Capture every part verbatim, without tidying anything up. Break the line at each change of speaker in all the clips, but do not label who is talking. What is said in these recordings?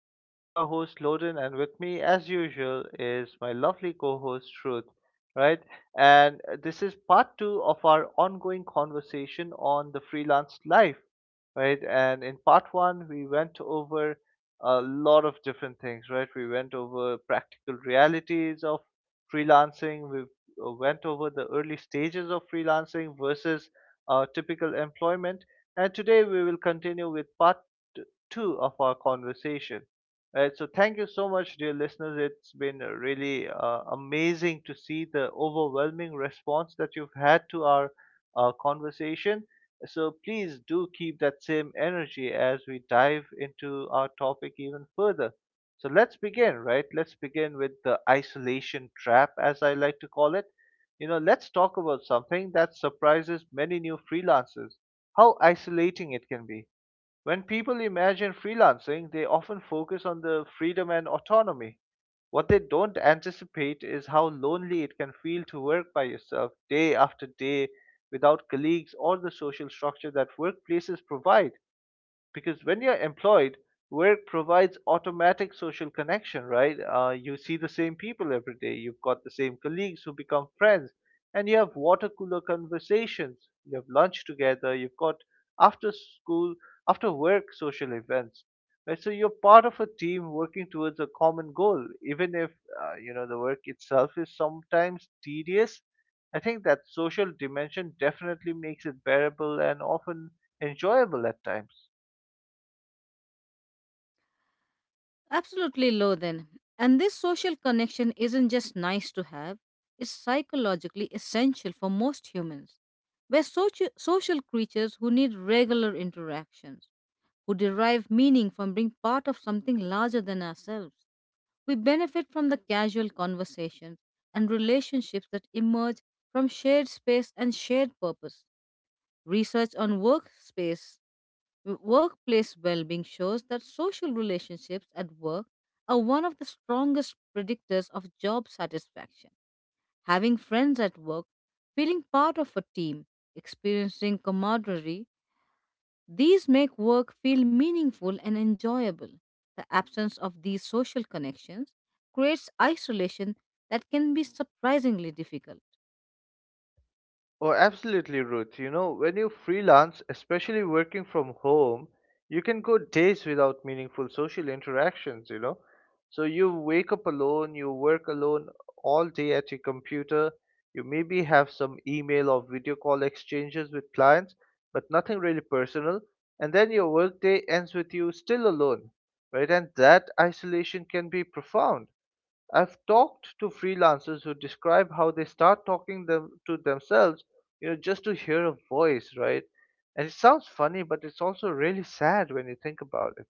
I am your host, Loden, and with me, as usual, is my lovely co host, Truth. Right? And uh, this is part two of our ongoing conversation on the freelance life. Right? And in part one, we went over a lot of different things. Right? We went over practical realities of freelancing, we uh, went over the early stages of freelancing versus uh, typical employment and today we will continue with part t- two of our conversation. Right, so thank you so much, dear listeners. It's been uh, really uh, amazing to see the overwhelming response that you've had to our uh, conversation. So please do keep that same energy as we dive into our topic even further. So let's begin, right? Let's begin with the isolation trap, as I like to call it. You know, let's talk about something that surprises many new freelancers, how isolating it can be. When people imagine freelancing, they often focus on the freedom and autonomy. What they don't anticipate is how lonely it can feel to work by yourself day after day without colleagues or the social structure that workplaces provide, because when you're employed, work provides automatic social connection, right? Uh, you see the same people every day, you've got the same colleagues who become friends, and you have water cooler conversations, you have lunch together, you've got after school, after work social events. Right? So you're part of a team working towards a common goal, even if uh, you know, the work itself is sometimes tedious. I think that social dimension definitely makes it bearable and often enjoyable at times.
Absolutely low then. And this social connection isn't just nice to have, it's psychologically essential for most humans. We're soci- social creatures who need regular interactions, who derive meaning from being part of something larger than ourselves. We benefit from the casual conversations and relationships that emerge from shared space and shared purpose. Research on workspace W- Workplace well-being shows that social relationships at work are one of the strongest predictors of job satisfaction. Having friends at work, feeling part of a team, experiencing camaraderie, these make work feel meaningful and enjoyable. The absence of these social connections creates isolation that can be surprisingly difficult.
Oh, absolutely, Ruth. You know, when you freelance, especially working from home, you can go days without meaningful social interactions, you know. So you wake up alone, you work alone all day at your computer. You maybe have some email or video call exchanges with clients, but nothing really personal. And then your workday ends with you still alone, right? And that isolation can be profound. I've talked to freelancers who describe how they start talking them to themselves, you know, just to hear a voice, right? And it sounds funny, but it's also really sad when you think about it.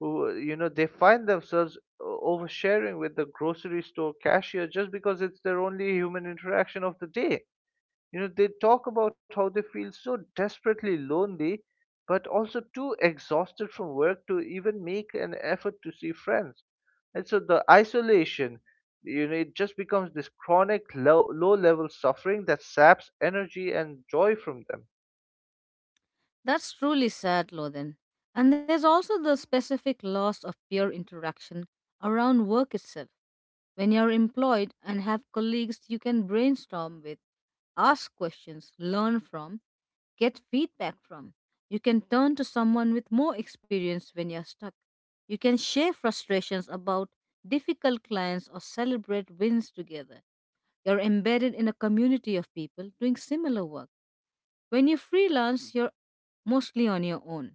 Who, you know, they find themselves o- oversharing with the grocery store cashier just because it's their only human interaction of the day. You know, they talk about how they feel so desperately lonely, but also too exhausted from work to even make an effort to see friends. And so the isolation, you know, it just becomes this chronic low, low level suffering that saps energy and joy from them.
That's truly sad, Lothan. And there's also the specific loss of peer interaction around work itself. When you're employed and have colleagues you can brainstorm with, ask questions, learn from, get feedback from. You can turn to someone with more experience when you're stuck. You can share frustrations about difficult clients or celebrate wins together. You're embedded in a community of people doing similar work. When you freelance, you're mostly on your own.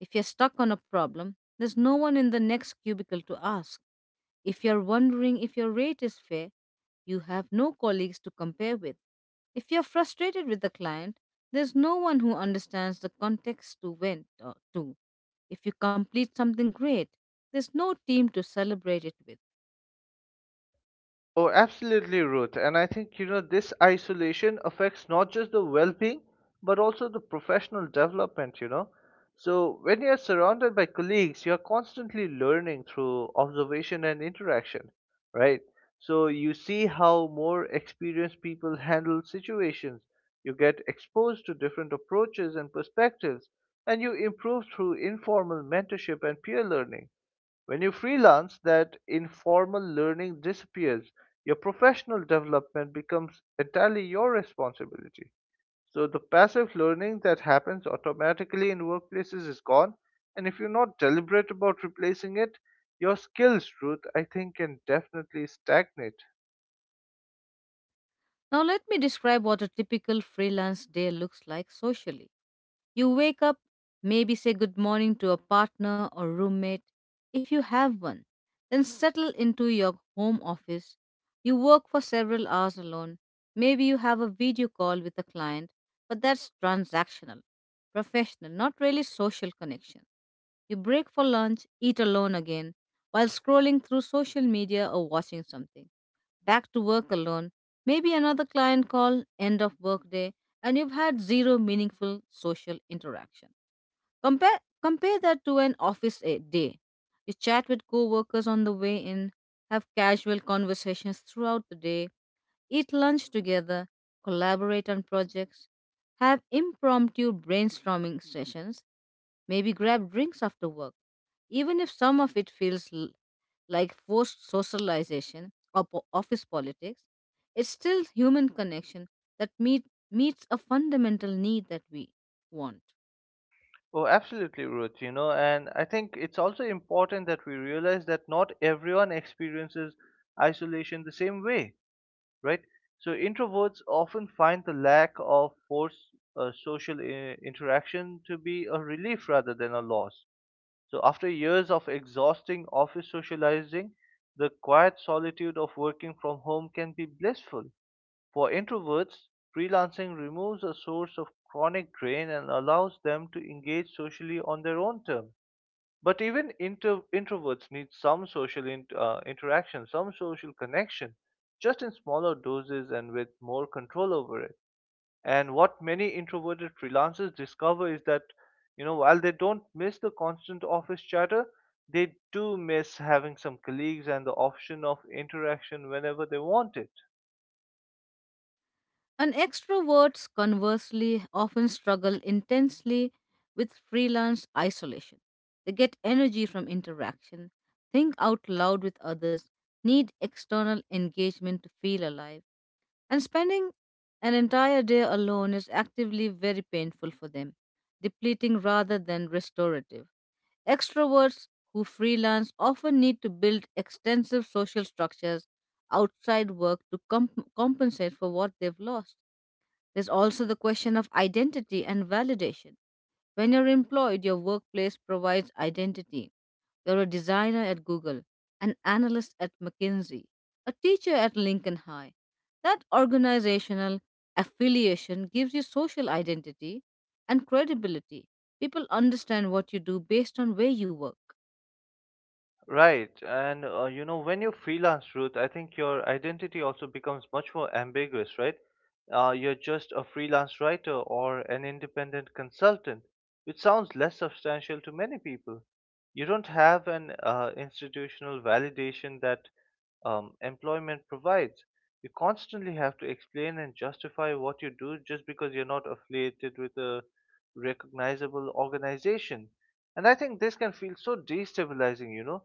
If you're stuck on a problem, there's no one in the next cubicle to ask. If you're wondering if your rate is fair, you have no colleagues to compare with. If you're frustrated with the client, there's no one who understands the context to went uh, to. If you complete something great, there's no team to celebrate it with.
Oh, absolutely, Ruth. And I think, you know, this isolation affects not just the well being, but also the professional development, you know. So, when you're surrounded by colleagues, you're constantly learning through observation and interaction, right? So, you see how more experienced people handle situations, you get exposed to different approaches and perspectives, and you improve through informal mentorship and peer learning. When you freelance, that informal learning disappears. Your professional development becomes entirely your responsibility. So the passive learning that happens automatically in workplaces is gone. And if you're not deliberate about replacing it, your skills, Ruth, I think can definitely stagnate.
Now, let me describe what a typical freelance day looks like socially. You wake up, maybe say good morning to a partner or roommate, if you have one, then settle into your home office. You work for several hours alone. Maybe you have a video call with a client, but that's transactional, professional, not really social connection. You break for lunch, eat alone again, while scrolling through social media or watching something, back to work alone, maybe another client call, end of workday, and you've had zero meaningful social interaction. Compare compare that to an office a- day. You chat with coworkers on the way in, have casual conversations throughout the day, eat lunch together, collaborate on projects, have impromptu brainstorming sessions, maybe grab drinks after work. Even if some of it feels l- like forced socialization or po- office politics, it's still human connection that meet, meets a fundamental need that we want.
Oh, absolutely, Ruth. You know, and I think it's also important that we realize that not everyone experiences isolation the same way. Right? So introverts often find the lack of forced uh, social I- interaction to be a relief rather than a loss. So after years of exhausting office socializing, the quiet solitude of working from home can be blissful. For introverts, freelancing removes a source of chronic drain and allows them to engage socially on their own terms. But even inter- introverts need some social in- uh, interaction, some social connection, just in smaller doses and with more control over it. And what many introverted freelancers discover is that, you know, while they don't miss the constant office chatter, they do miss having some colleagues and the option of interaction whenever they want it.
And extroverts, conversely, often struggle intensely with freelance isolation. They get energy from interaction, think out loud with others, need external engagement to feel alive. And spending an entire day alone is actively very painful for them, depleting rather than restorative. Extroverts who freelance often need to build extensive social structures outside work to comp- compensate for what they've lost. There's also the question of identity and validation. When you're employed, your workplace provides identity. You're a designer at Google, an analyst at McKinsey, a teacher at Lincoln High. That organizational affiliation gives you social identity and credibility. People understand what you do based on where you work.
Right, and uh, you know, when you freelance, Ruth, I think your identity also becomes much more ambiguous, right? Uh, you're just a freelance writer or an independent consultant, which sounds less substantial to many people. You don't have an uh, institutional validation that um, employment provides. You constantly have to explain and justify what you do just because you're not affiliated with a recognizable organization. And I think this can feel so destabilizing, you know,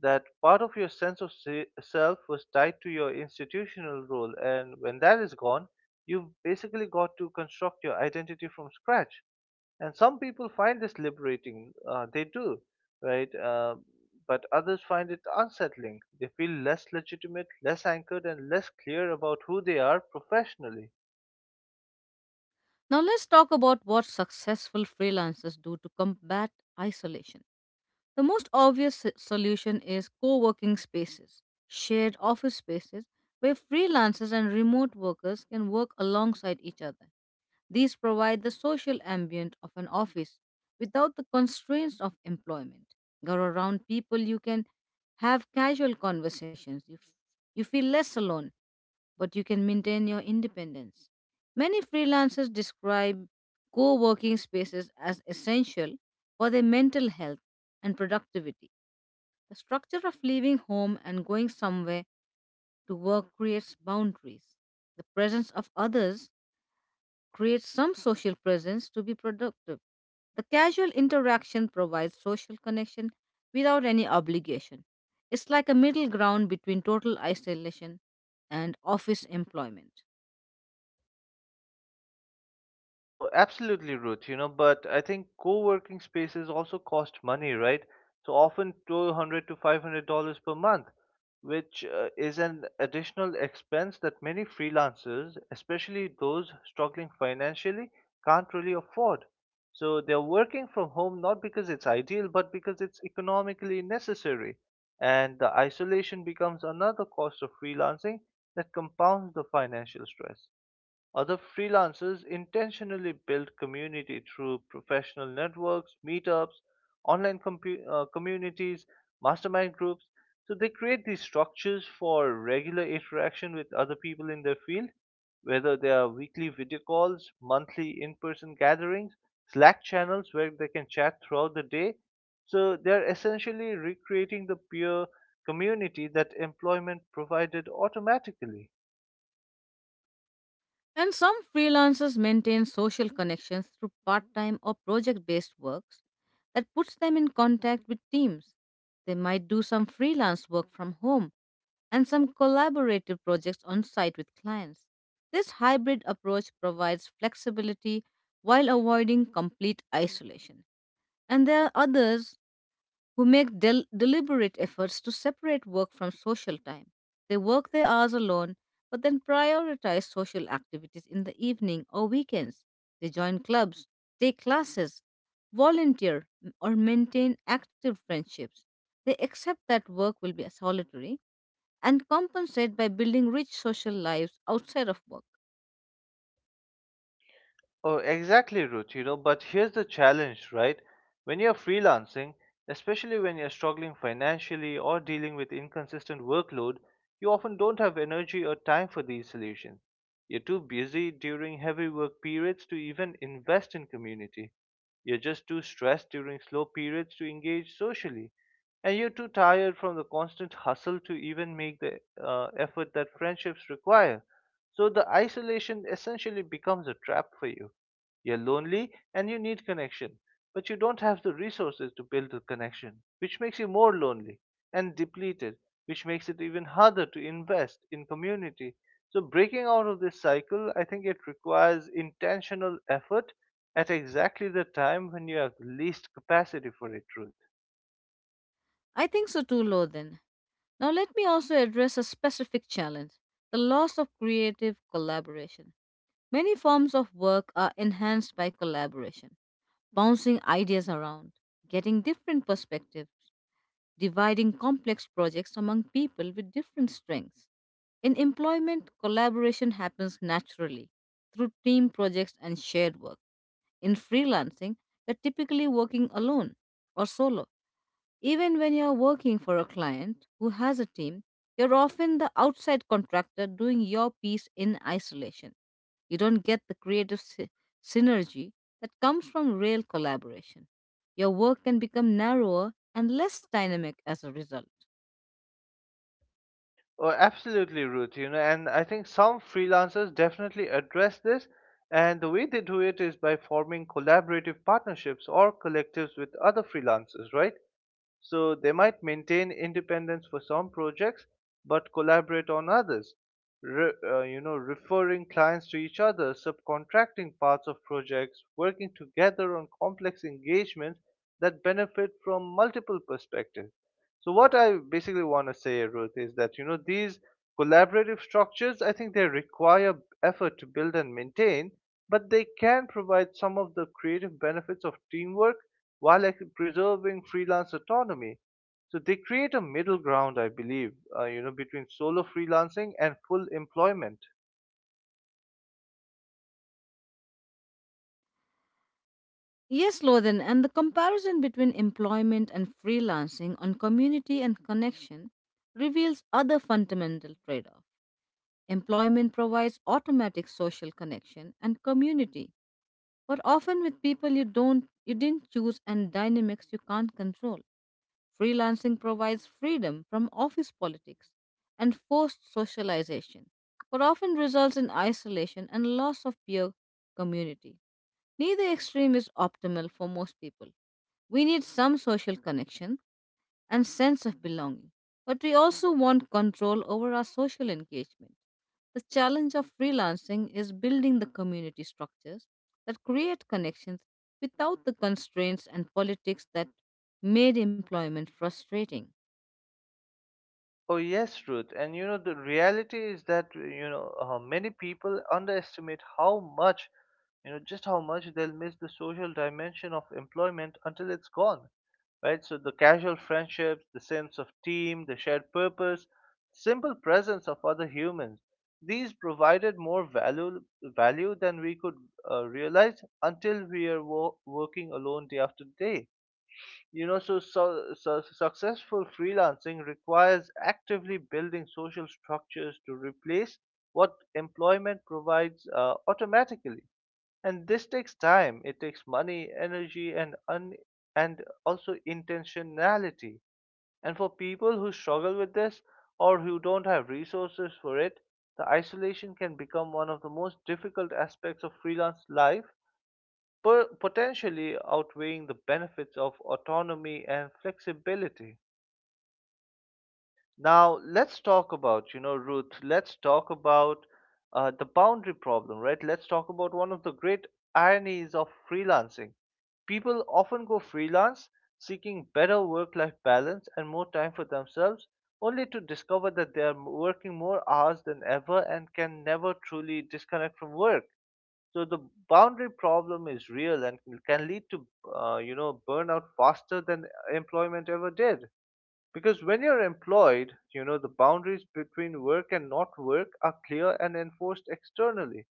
that part of your sense of se- self was tied to your institutional role, and when that is gone, you've basically got to construct your identity from scratch. And some people find this liberating, uh, they do, right, uh, but others find it unsettling. They feel less legitimate, less anchored, and less clear about who they are professionally.
Now, let's talk about what successful freelancers do to combat isolation. The most obvious s- solution is co working spaces, shared office spaces where freelancers and remote workers can work alongside each other. These provide the social ambient of an office without the constraints of employment. You're around people you can have casual conversations. You, f- you feel less alone, but you can maintain your independence. Many freelancers describe co working spaces as essential for their mental health and productivity. The structure of leaving home and going somewhere to work creates boundaries. The presence of others creates some social presence to be productive. The casual interaction provides social connection without any obligation. It's like a middle ground between total isolation and office employment.
Oh, absolutely, Ruth. You know, but I think co-working spaces also cost money, right? So often two hundred to five hundred dollars per month, which uh, is an additional expense that many freelancers, especially those struggling financially, can't really afford. So they're working from home not because it's ideal, but because it's economically necessary. And the isolation becomes another cost of freelancing that compounds the financial stress. Other freelancers intentionally build community through professional networks, meetups, online compu uh, communities, mastermind groups. So they create these structures for regular interaction with other people in their field, whether they are weekly video calls, monthly in person gatherings, Slack channels where they can chat throughout the day. So they are essentially recreating the peer community that employment provided automatically.
And some freelancers maintain social connections through part time or project based works that puts them in contact with teams. They might do some freelance work from home and some collaborative projects on site with clients. This hybrid approach provides flexibility while avoiding complete isolation. And there are others who make del- deliberate efforts to separate work from social time. They work their hours alone, but then prioritize social activities in the evening or weekends. They join clubs, take classes, volunteer, m- or maintain active friendships. They accept that work will be solitary and compensate by building rich social lives outside of work.
Oh, exactly, Ruth, you know, but here's the challenge, right? When you're freelancing, especially when you're struggling financially or dealing with inconsistent workload, you often don't have energy or time for these solutions. You're too busy during heavy work periods to even invest in community. You're just too stressed during slow periods to engage socially. And you're too tired from the constant hustle to even make the uh, effort that friendships require. So the isolation essentially becomes a trap for you. You're lonely and you need connection, but you don't have the resources to build the connection, which makes you more lonely and depleted, which makes it even harder to invest in community. So, breaking out of this cycle, I think it requires intentional effort at exactly the time when you have the least capacity for it, Ruth.
I think so too, Lothan. Now, let me also address a specific challenge, the loss of creative collaboration. Many forms of work are enhanced by collaboration, bouncing ideas around, getting different perspectives, dividing complex projects among people with different strengths. In employment, collaboration happens naturally through team projects and shared work. In freelancing, you're typically working alone or solo, even when you're working for a client who has a team, you're often the outside contractor doing your piece in isolation. You don't get the creative sy- synergy that comes from real collaboration. Your work can become narrower and less dynamic as a result.
Oh, absolutely, Ruth. You know, and I think some freelancers definitely address this. And the way they do it is by forming collaborative partnerships or collectives with other freelancers, right? So they might maintain independence for some projects, but collaborate on others. Re- uh, you know, referring clients to each other, subcontracting parts of projects, working together on complex engagements that benefit from multiple perspectives. So what I basically want to say, Ruth, is that you know these collaborative structures, I think they require effort to build and maintain, but they can provide some of the creative benefits of teamwork while like, preserving freelance autonomy. So they create a middle ground, I believe, uh, you know, between solo freelancing and full employment.
Yes, Lothan, and the comparison between employment and freelancing on community and connection reveals other fundamental trade off. Employment provides automatic social connection and community, but often with people you don't you didn't choose and dynamics you can't control. Freelancing provides freedom from office politics and forced socialization, but often results in isolation and loss of peer community. Neither extreme is optimal for most people. We need some social connection, and sense of belonging. But we also want control over our social engagement. The challenge of freelancing is building the community structures that create connections without the constraints and politics that made employment frustrating.
Oh yes, Ruth. And you know the reality is that, you know, uh, many people underestimate how much, you know, just how much they'll miss the social dimension of employment until it's gone. Right? So the casual friendships, the sense of team, the shared purpose, simple presence of other humans. These provided more value value than we could uh, realize until we are wo- working alone day after day, you know, so, so, so successful freelancing requires actively building social structures to replace what employment provides uh, automatically. And this takes time, it takes money, energy, and un- and also intentionality. And for people who struggle with this or who don't have resources for it, the isolation can become one of the most difficult aspects of freelance life, po- potentially outweighing the benefits of autonomy and flexibility. Now, let's talk about, you know, Ruth, let's talk about uh, the boundary problem, right? Let's talk about one of the great ironies of freelancing. People often go freelance seeking better work life balance and more time for themselves, only to discover that they are working more hours than ever and can never truly disconnect from work. So the boundary problem is real and can can lead to, uh, you know, burnout faster than employment ever did. Because when you're employed, you know, the boundaries between work and not work are clear and enforced externally.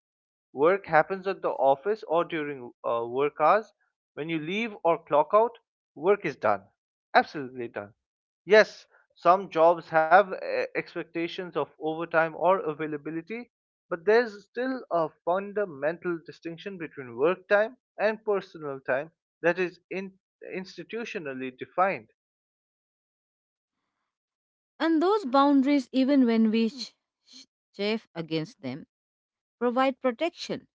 Work happens at the office or during uh, work hours. When you leave or clock out, work is done, absolutely done. Yes, some jobs have eh, expectations of overtime or availability, but there's still a fundamental distinction between work time and personal time that is in, institutionally defined.
And those boundaries, even when we ch- ch- chafe against them, provide protection.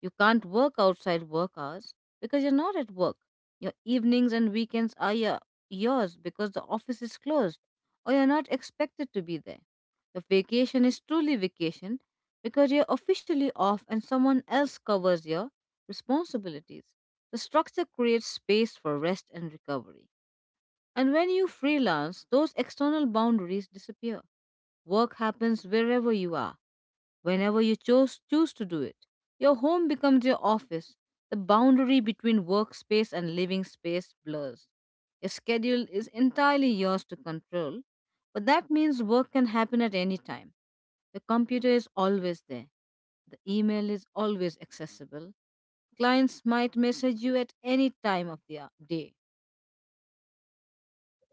You can't work outside work hours because you're not at work. Your evenings and weekends are your, yours because the office is closed or you're not expected to be there. Your vacation is truly vacation because you're officially off and someone else covers your responsibilities. The structure creates space for rest and recovery. And when you freelance, those external boundaries disappear. Work happens wherever you are, whenever you chose, choose to do it, your home becomes your office. The boundary between workspace and living space blurs. Your schedule is entirely yours to control, but that means work can happen at any time. The computer is always there. The email is always accessible. Clients might message you at any time of the uh, day.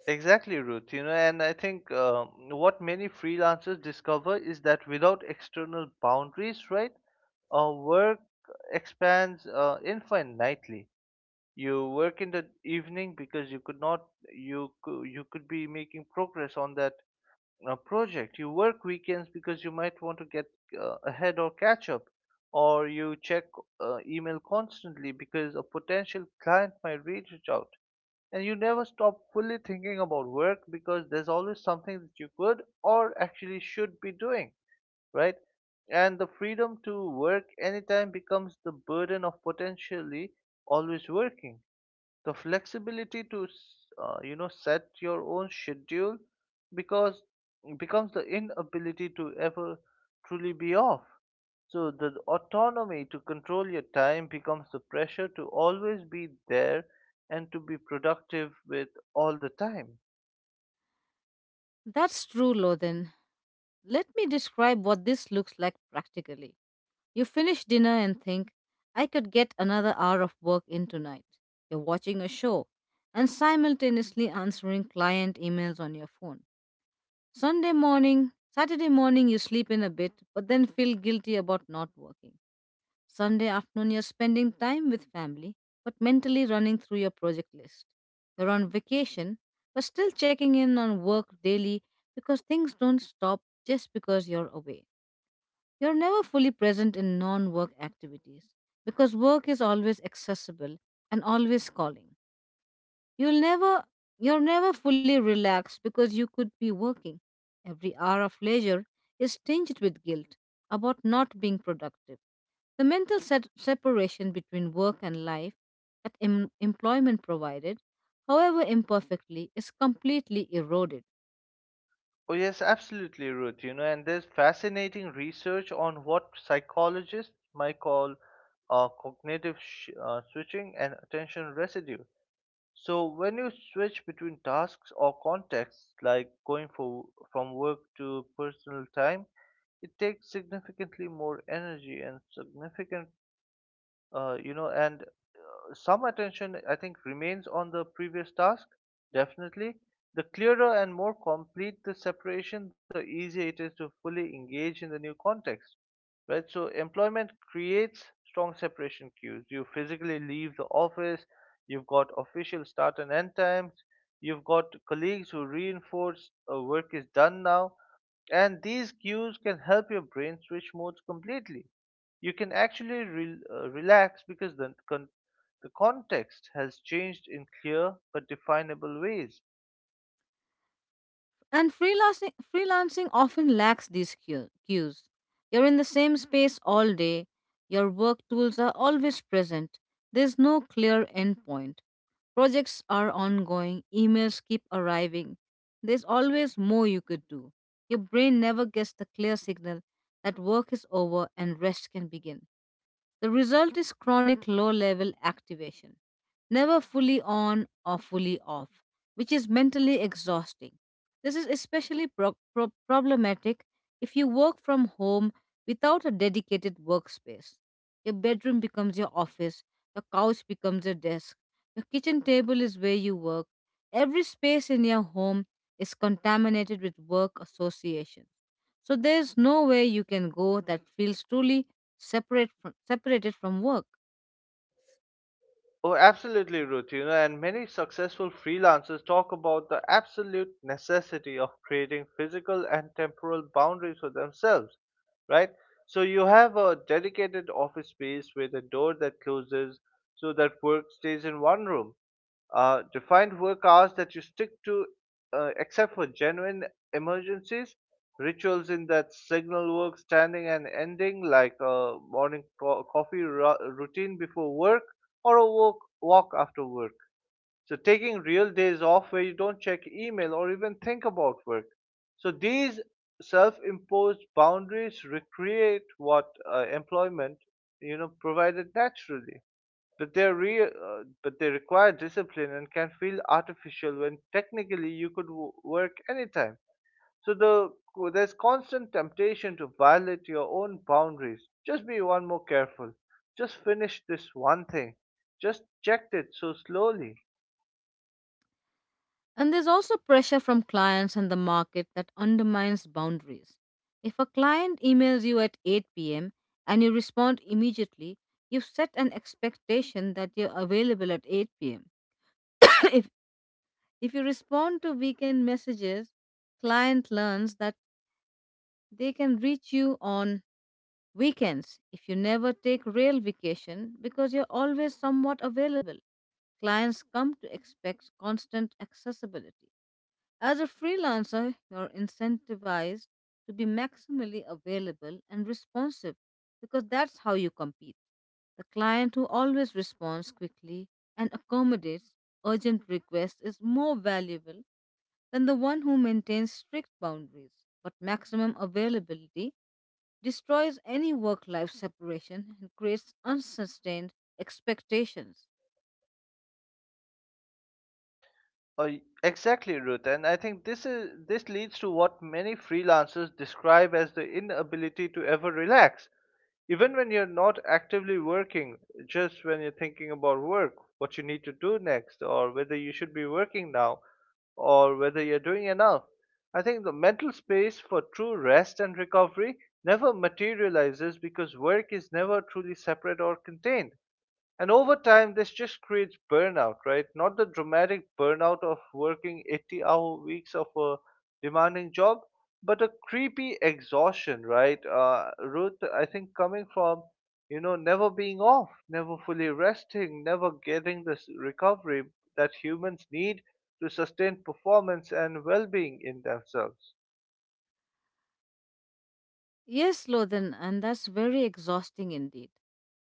Exactly, Ruth. You know, and I think um, what many freelancers discover is that without external boundaries, right, uh, work expands uh, infinitely. You work in the evening because you could not you could, you could be making progress on that uh, project. You work weekends because you might want to get uh, ahead or catch up, or you check uh, email constantly because a potential client might reach out, and you never stop fully thinking about work because there's always something that you could or actually should be doing, right? And the freedom to work anytime becomes the burden of potentially always working. The flexibility to uh, you know set your own schedule, because becomes the inability to ever truly be off. So the autonomy to control your time becomes the pressure to always be there and to be productive with all the time.
That's true, Lothan. Let me describe what this looks like practically. You finish dinner and think, I could get another hour of work in tonight. You're watching a show and simultaneously answering client emails on your phone. Sunday morning, Saturday morning, you sleep in a bit, but then feel guilty about not working. Sunday afternoon, you're spending time with family, but mentally running through your project list. You're on vacation, but still checking in on work daily because things don't stop just because you're away. You're never fully present in non work activities because work is always accessible and always calling. You'll never, you're never fully relaxed because you could be working. Every hour of leisure is tinged with guilt about not being productive. The mental set- separation between work and life that em- employment provided, however imperfectly, is completely eroded.
Oh yes, absolutely, Ruth. You know, and there's fascinating research on what psychologists might call uh, cognitive sh- uh, switching and attention residue. So when you switch between tasks or contexts, like going for, from work to personal time, it takes significantly more energy and significant, uh, you know, and some attention, I think, remains on the previous task, definitely. The clearer and more complete the separation, the easier it is to fully engage in the new context. Right? So, employment creates strong separation cues. You physically leave the office, you've got official start and end times, you've got colleagues who reinforce uh, work is done now, and these cues can help your brain switch modes completely. You can actually re- uh, relax because the con- the context has changed in clear but definable ways.
And freelancing, freelancing often lacks these cue- cues. You're in the same space all day, your work tools are always present, there's no clear endpoint. Projects are ongoing, emails keep arriving. There's always more you could do. Your brain never gets the clear signal that work is over and rest can begin. The result is chronic low level activation, never fully on or fully off, which is mentally exhausting. This is especially pro- pro- problematic if you work from home without a dedicated workspace. Your bedroom becomes your office, your couch becomes your desk, your kitchen table is where you work. Every space in your home is contaminated with work associations. So there's no way you can go that feels truly separate from, separated from work.
Oh, absolutely, Ruth. You know, and many successful freelancers talk about the absolute necessity of creating physical and temporal boundaries for themselves, right? So you have a dedicated office space with a door that closes so that work stays in one room. Uh, defined work hours that you stick to, uh, except for genuine emergencies. Rituals in that signal work, standing and ending, like a morning co- coffee ru- routine before work, or a walk, walk after work. So, taking real days off where you don't check email or even think about work. So, these self imposed boundaries recreate what uh, employment you know provided naturally, but they are real, uh, but they require discipline and can feel artificial when technically you could w- work anytime. So the there's constant temptation to violate your own boundaries. Just be one more careful. Just finish this one thing. Just checked it so slowly.
And there's also pressure from clients and the market that undermines boundaries. If a client emails you at eight p m and you respond immediately, you've set an expectation that you're available at eight p m if, if you respond to weekend messages, client learns that they can reach you on weekends, if you never take real vacation because you're always somewhat available. Clients come to expect constant accessibility. As a freelancer, you're incentivized to be maximally available and responsive because that's how you compete. The client who always responds quickly and accommodates urgent requests is more valuable than the one who maintains strict boundaries. But maximum availability destroys any work life separation and creates unsustained expectations.
Oh, y- exactly, Ruth. And I think this is this leads to what many freelancers describe as the inability to ever relax. Even when you're not actively working, just when you're thinking about work, what you need to do next, or whether you should be working now, or whether you're doing enough. I think the mental space for true rest and recovery never materializes because work is never truly separate or contained. And over time, this just creates burnout, right? Not the dramatic burnout of working eighty hour weeks of a demanding job, but a creepy exhaustion, right? Uh, Ruth, I think coming from, you know, never being off, never fully resting, never getting this recovery that humans need to sustain performance and well being in themselves.
Yes, Lothan, and that's very exhausting indeed.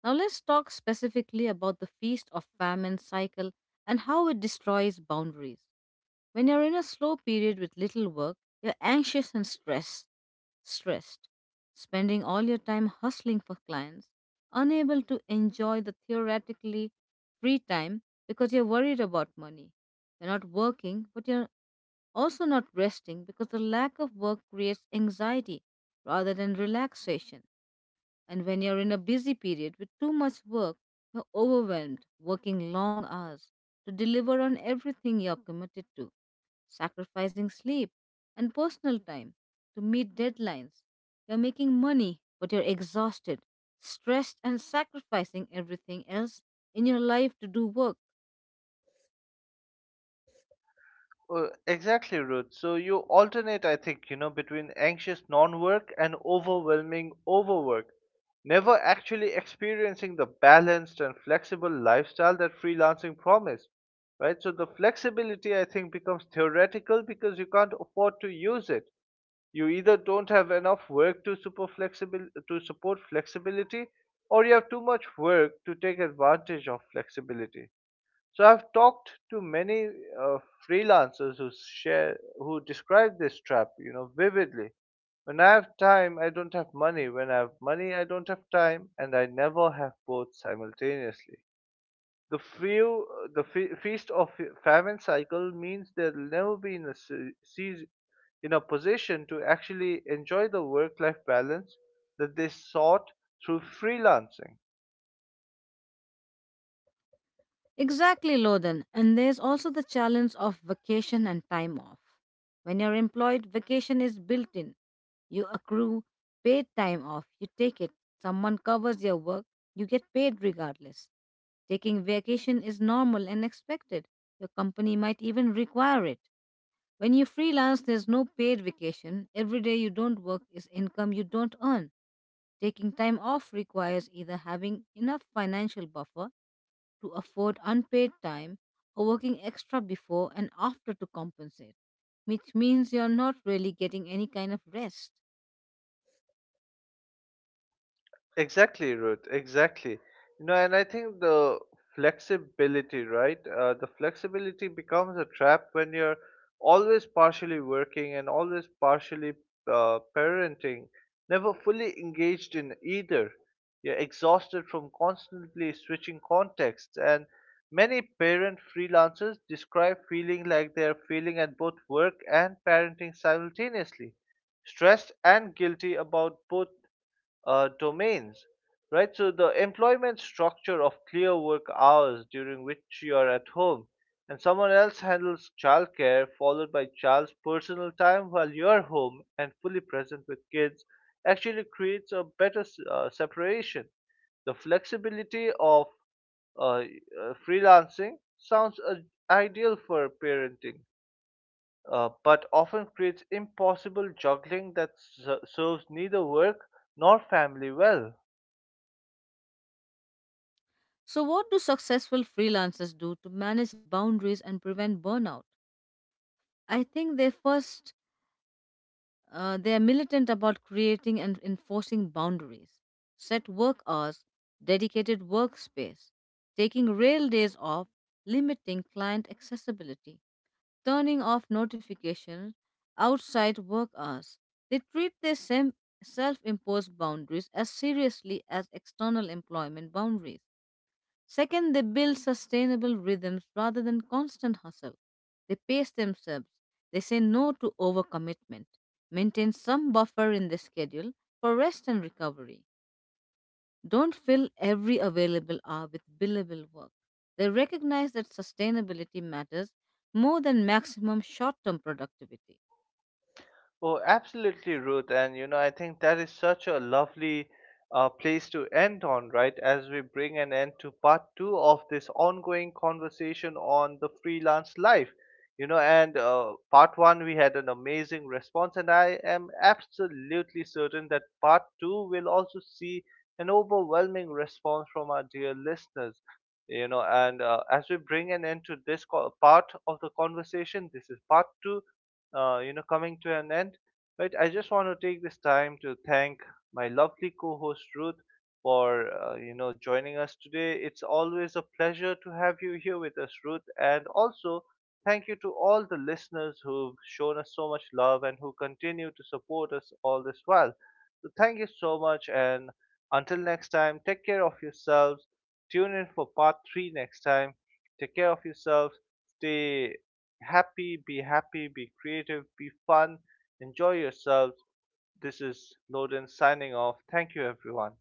Now let's talk specifically about the feast of famine cycle and how it destroys boundaries. When you're in a slow period with little work, you're anxious and stressed, stressed, spending all your time hustling for clients, unable to enjoy the theoretically free time because you're worried about money. You're not working, but you're also, not resting because the lack of work creates anxiety rather than relaxation. And when you're in a busy period with too much work, you're overwhelmed, working long hours to deliver on everything you're committed to, sacrificing sleep and personal time to meet deadlines. You're making money, but you're exhausted, stressed, and sacrificing everything else in your life to do work.
Uh, exactly, Ruth. So you alternate, I think, you know, between anxious non work and overwhelming overwork, never actually experiencing the balanced and flexible lifestyle that freelancing promised, right? So the flexibility, I think, becomes theoretical because you can't afford to use it. You either don't have enough work to support flexible to support flexibility, or you have too much work to take advantage of flexibility. So I've talked to many uh, freelancers who share who describe this trap, you know, vividly. When I have time, I don't have money. When I have money, I don't have time, and I never have both simultaneously. The few, the fe- feast of famine cycle means they'll never be in a se- seas- in a position to actually enjoy the work-life balance that they sought through freelancing.
Exactly, Loden. And there's also the challenge of vacation and time off. When you're employed, vacation is built in. You accrue paid time off, you take it. Someone covers your work, you get paid regardless. Taking vacation is normal and expected. Your company might even require it. When you freelance, there's no paid vacation. Every day you don't work is income you don't earn. Taking time off requires either having enough financial buffer to afford unpaid time or working extra before and after to compensate, which means you're not really getting any kind of rest.
Exactly, Ruth. Exactly. You know, and I think the flexibility, right? Uh, the flexibility becomes a trap when you're always partially working and always partially uh, parenting, never fully engaged in either. You're exhausted from constantly switching contexts. And many parent freelancers describe feeling like they're failing at both work and parenting simultaneously, stressed and guilty about both uh, domains, right? So the employment structure of clear work hours during which you are at home and someone else handles childcare, followed by child's personal time while you're home and fully present with kids, actually creates a better uh, separation. The flexibility of uh, uh, freelancing sounds uh, ideal for parenting, uh, but often creates impossible juggling that s- serves neither work nor family well.
So, what do successful freelancers do to manage boundaries and prevent burnout? I think they first uh, they are militant about creating and enforcing boundaries, set work hours, dedicated workspace, taking rail days off, limiting client accessibility, turning off notifications outside work hours. They treat their sem- self imposed boundaries as seriously as external employment boundaries. Second, they build sustainable rhythms rather than constant hustle. They pace themselves. They say no to overcommitment, maintain some buffer in their schedule for rest and recovery, don't fill every available hour with billable work. They recognize that sustainability matters more than maximum short term productivity.
Oh, absolutely, Ruth. And you know, I think that is such a lovely uh, place to end on, right? As we bring an end to part two of this ongoing conversation on the freelance life. You know, and uh, part one, we had an amazing response, and I am absolutely certain that part two will also see an overwhelming response from our dear listeners. You know, and uh, as we bring an end to this co- part of the conversation, this is part two uh, you know, coming to an end. Right, I just want to take this time to thank my lovely co-host Ruth for uh, you know joining us today. It's always a pleasure to have you here with us, Ruth, and also thank you to all the listeners who've shown us so much love and who continue to support us all this while. So thank you so much, and until next time, take care of yourselves. Tune in for part three next time. Take care of yourselves. Stay happy, be happy, be creative, be fun, enjoy yourselves. This is Loden signing off. Thank you, everyone.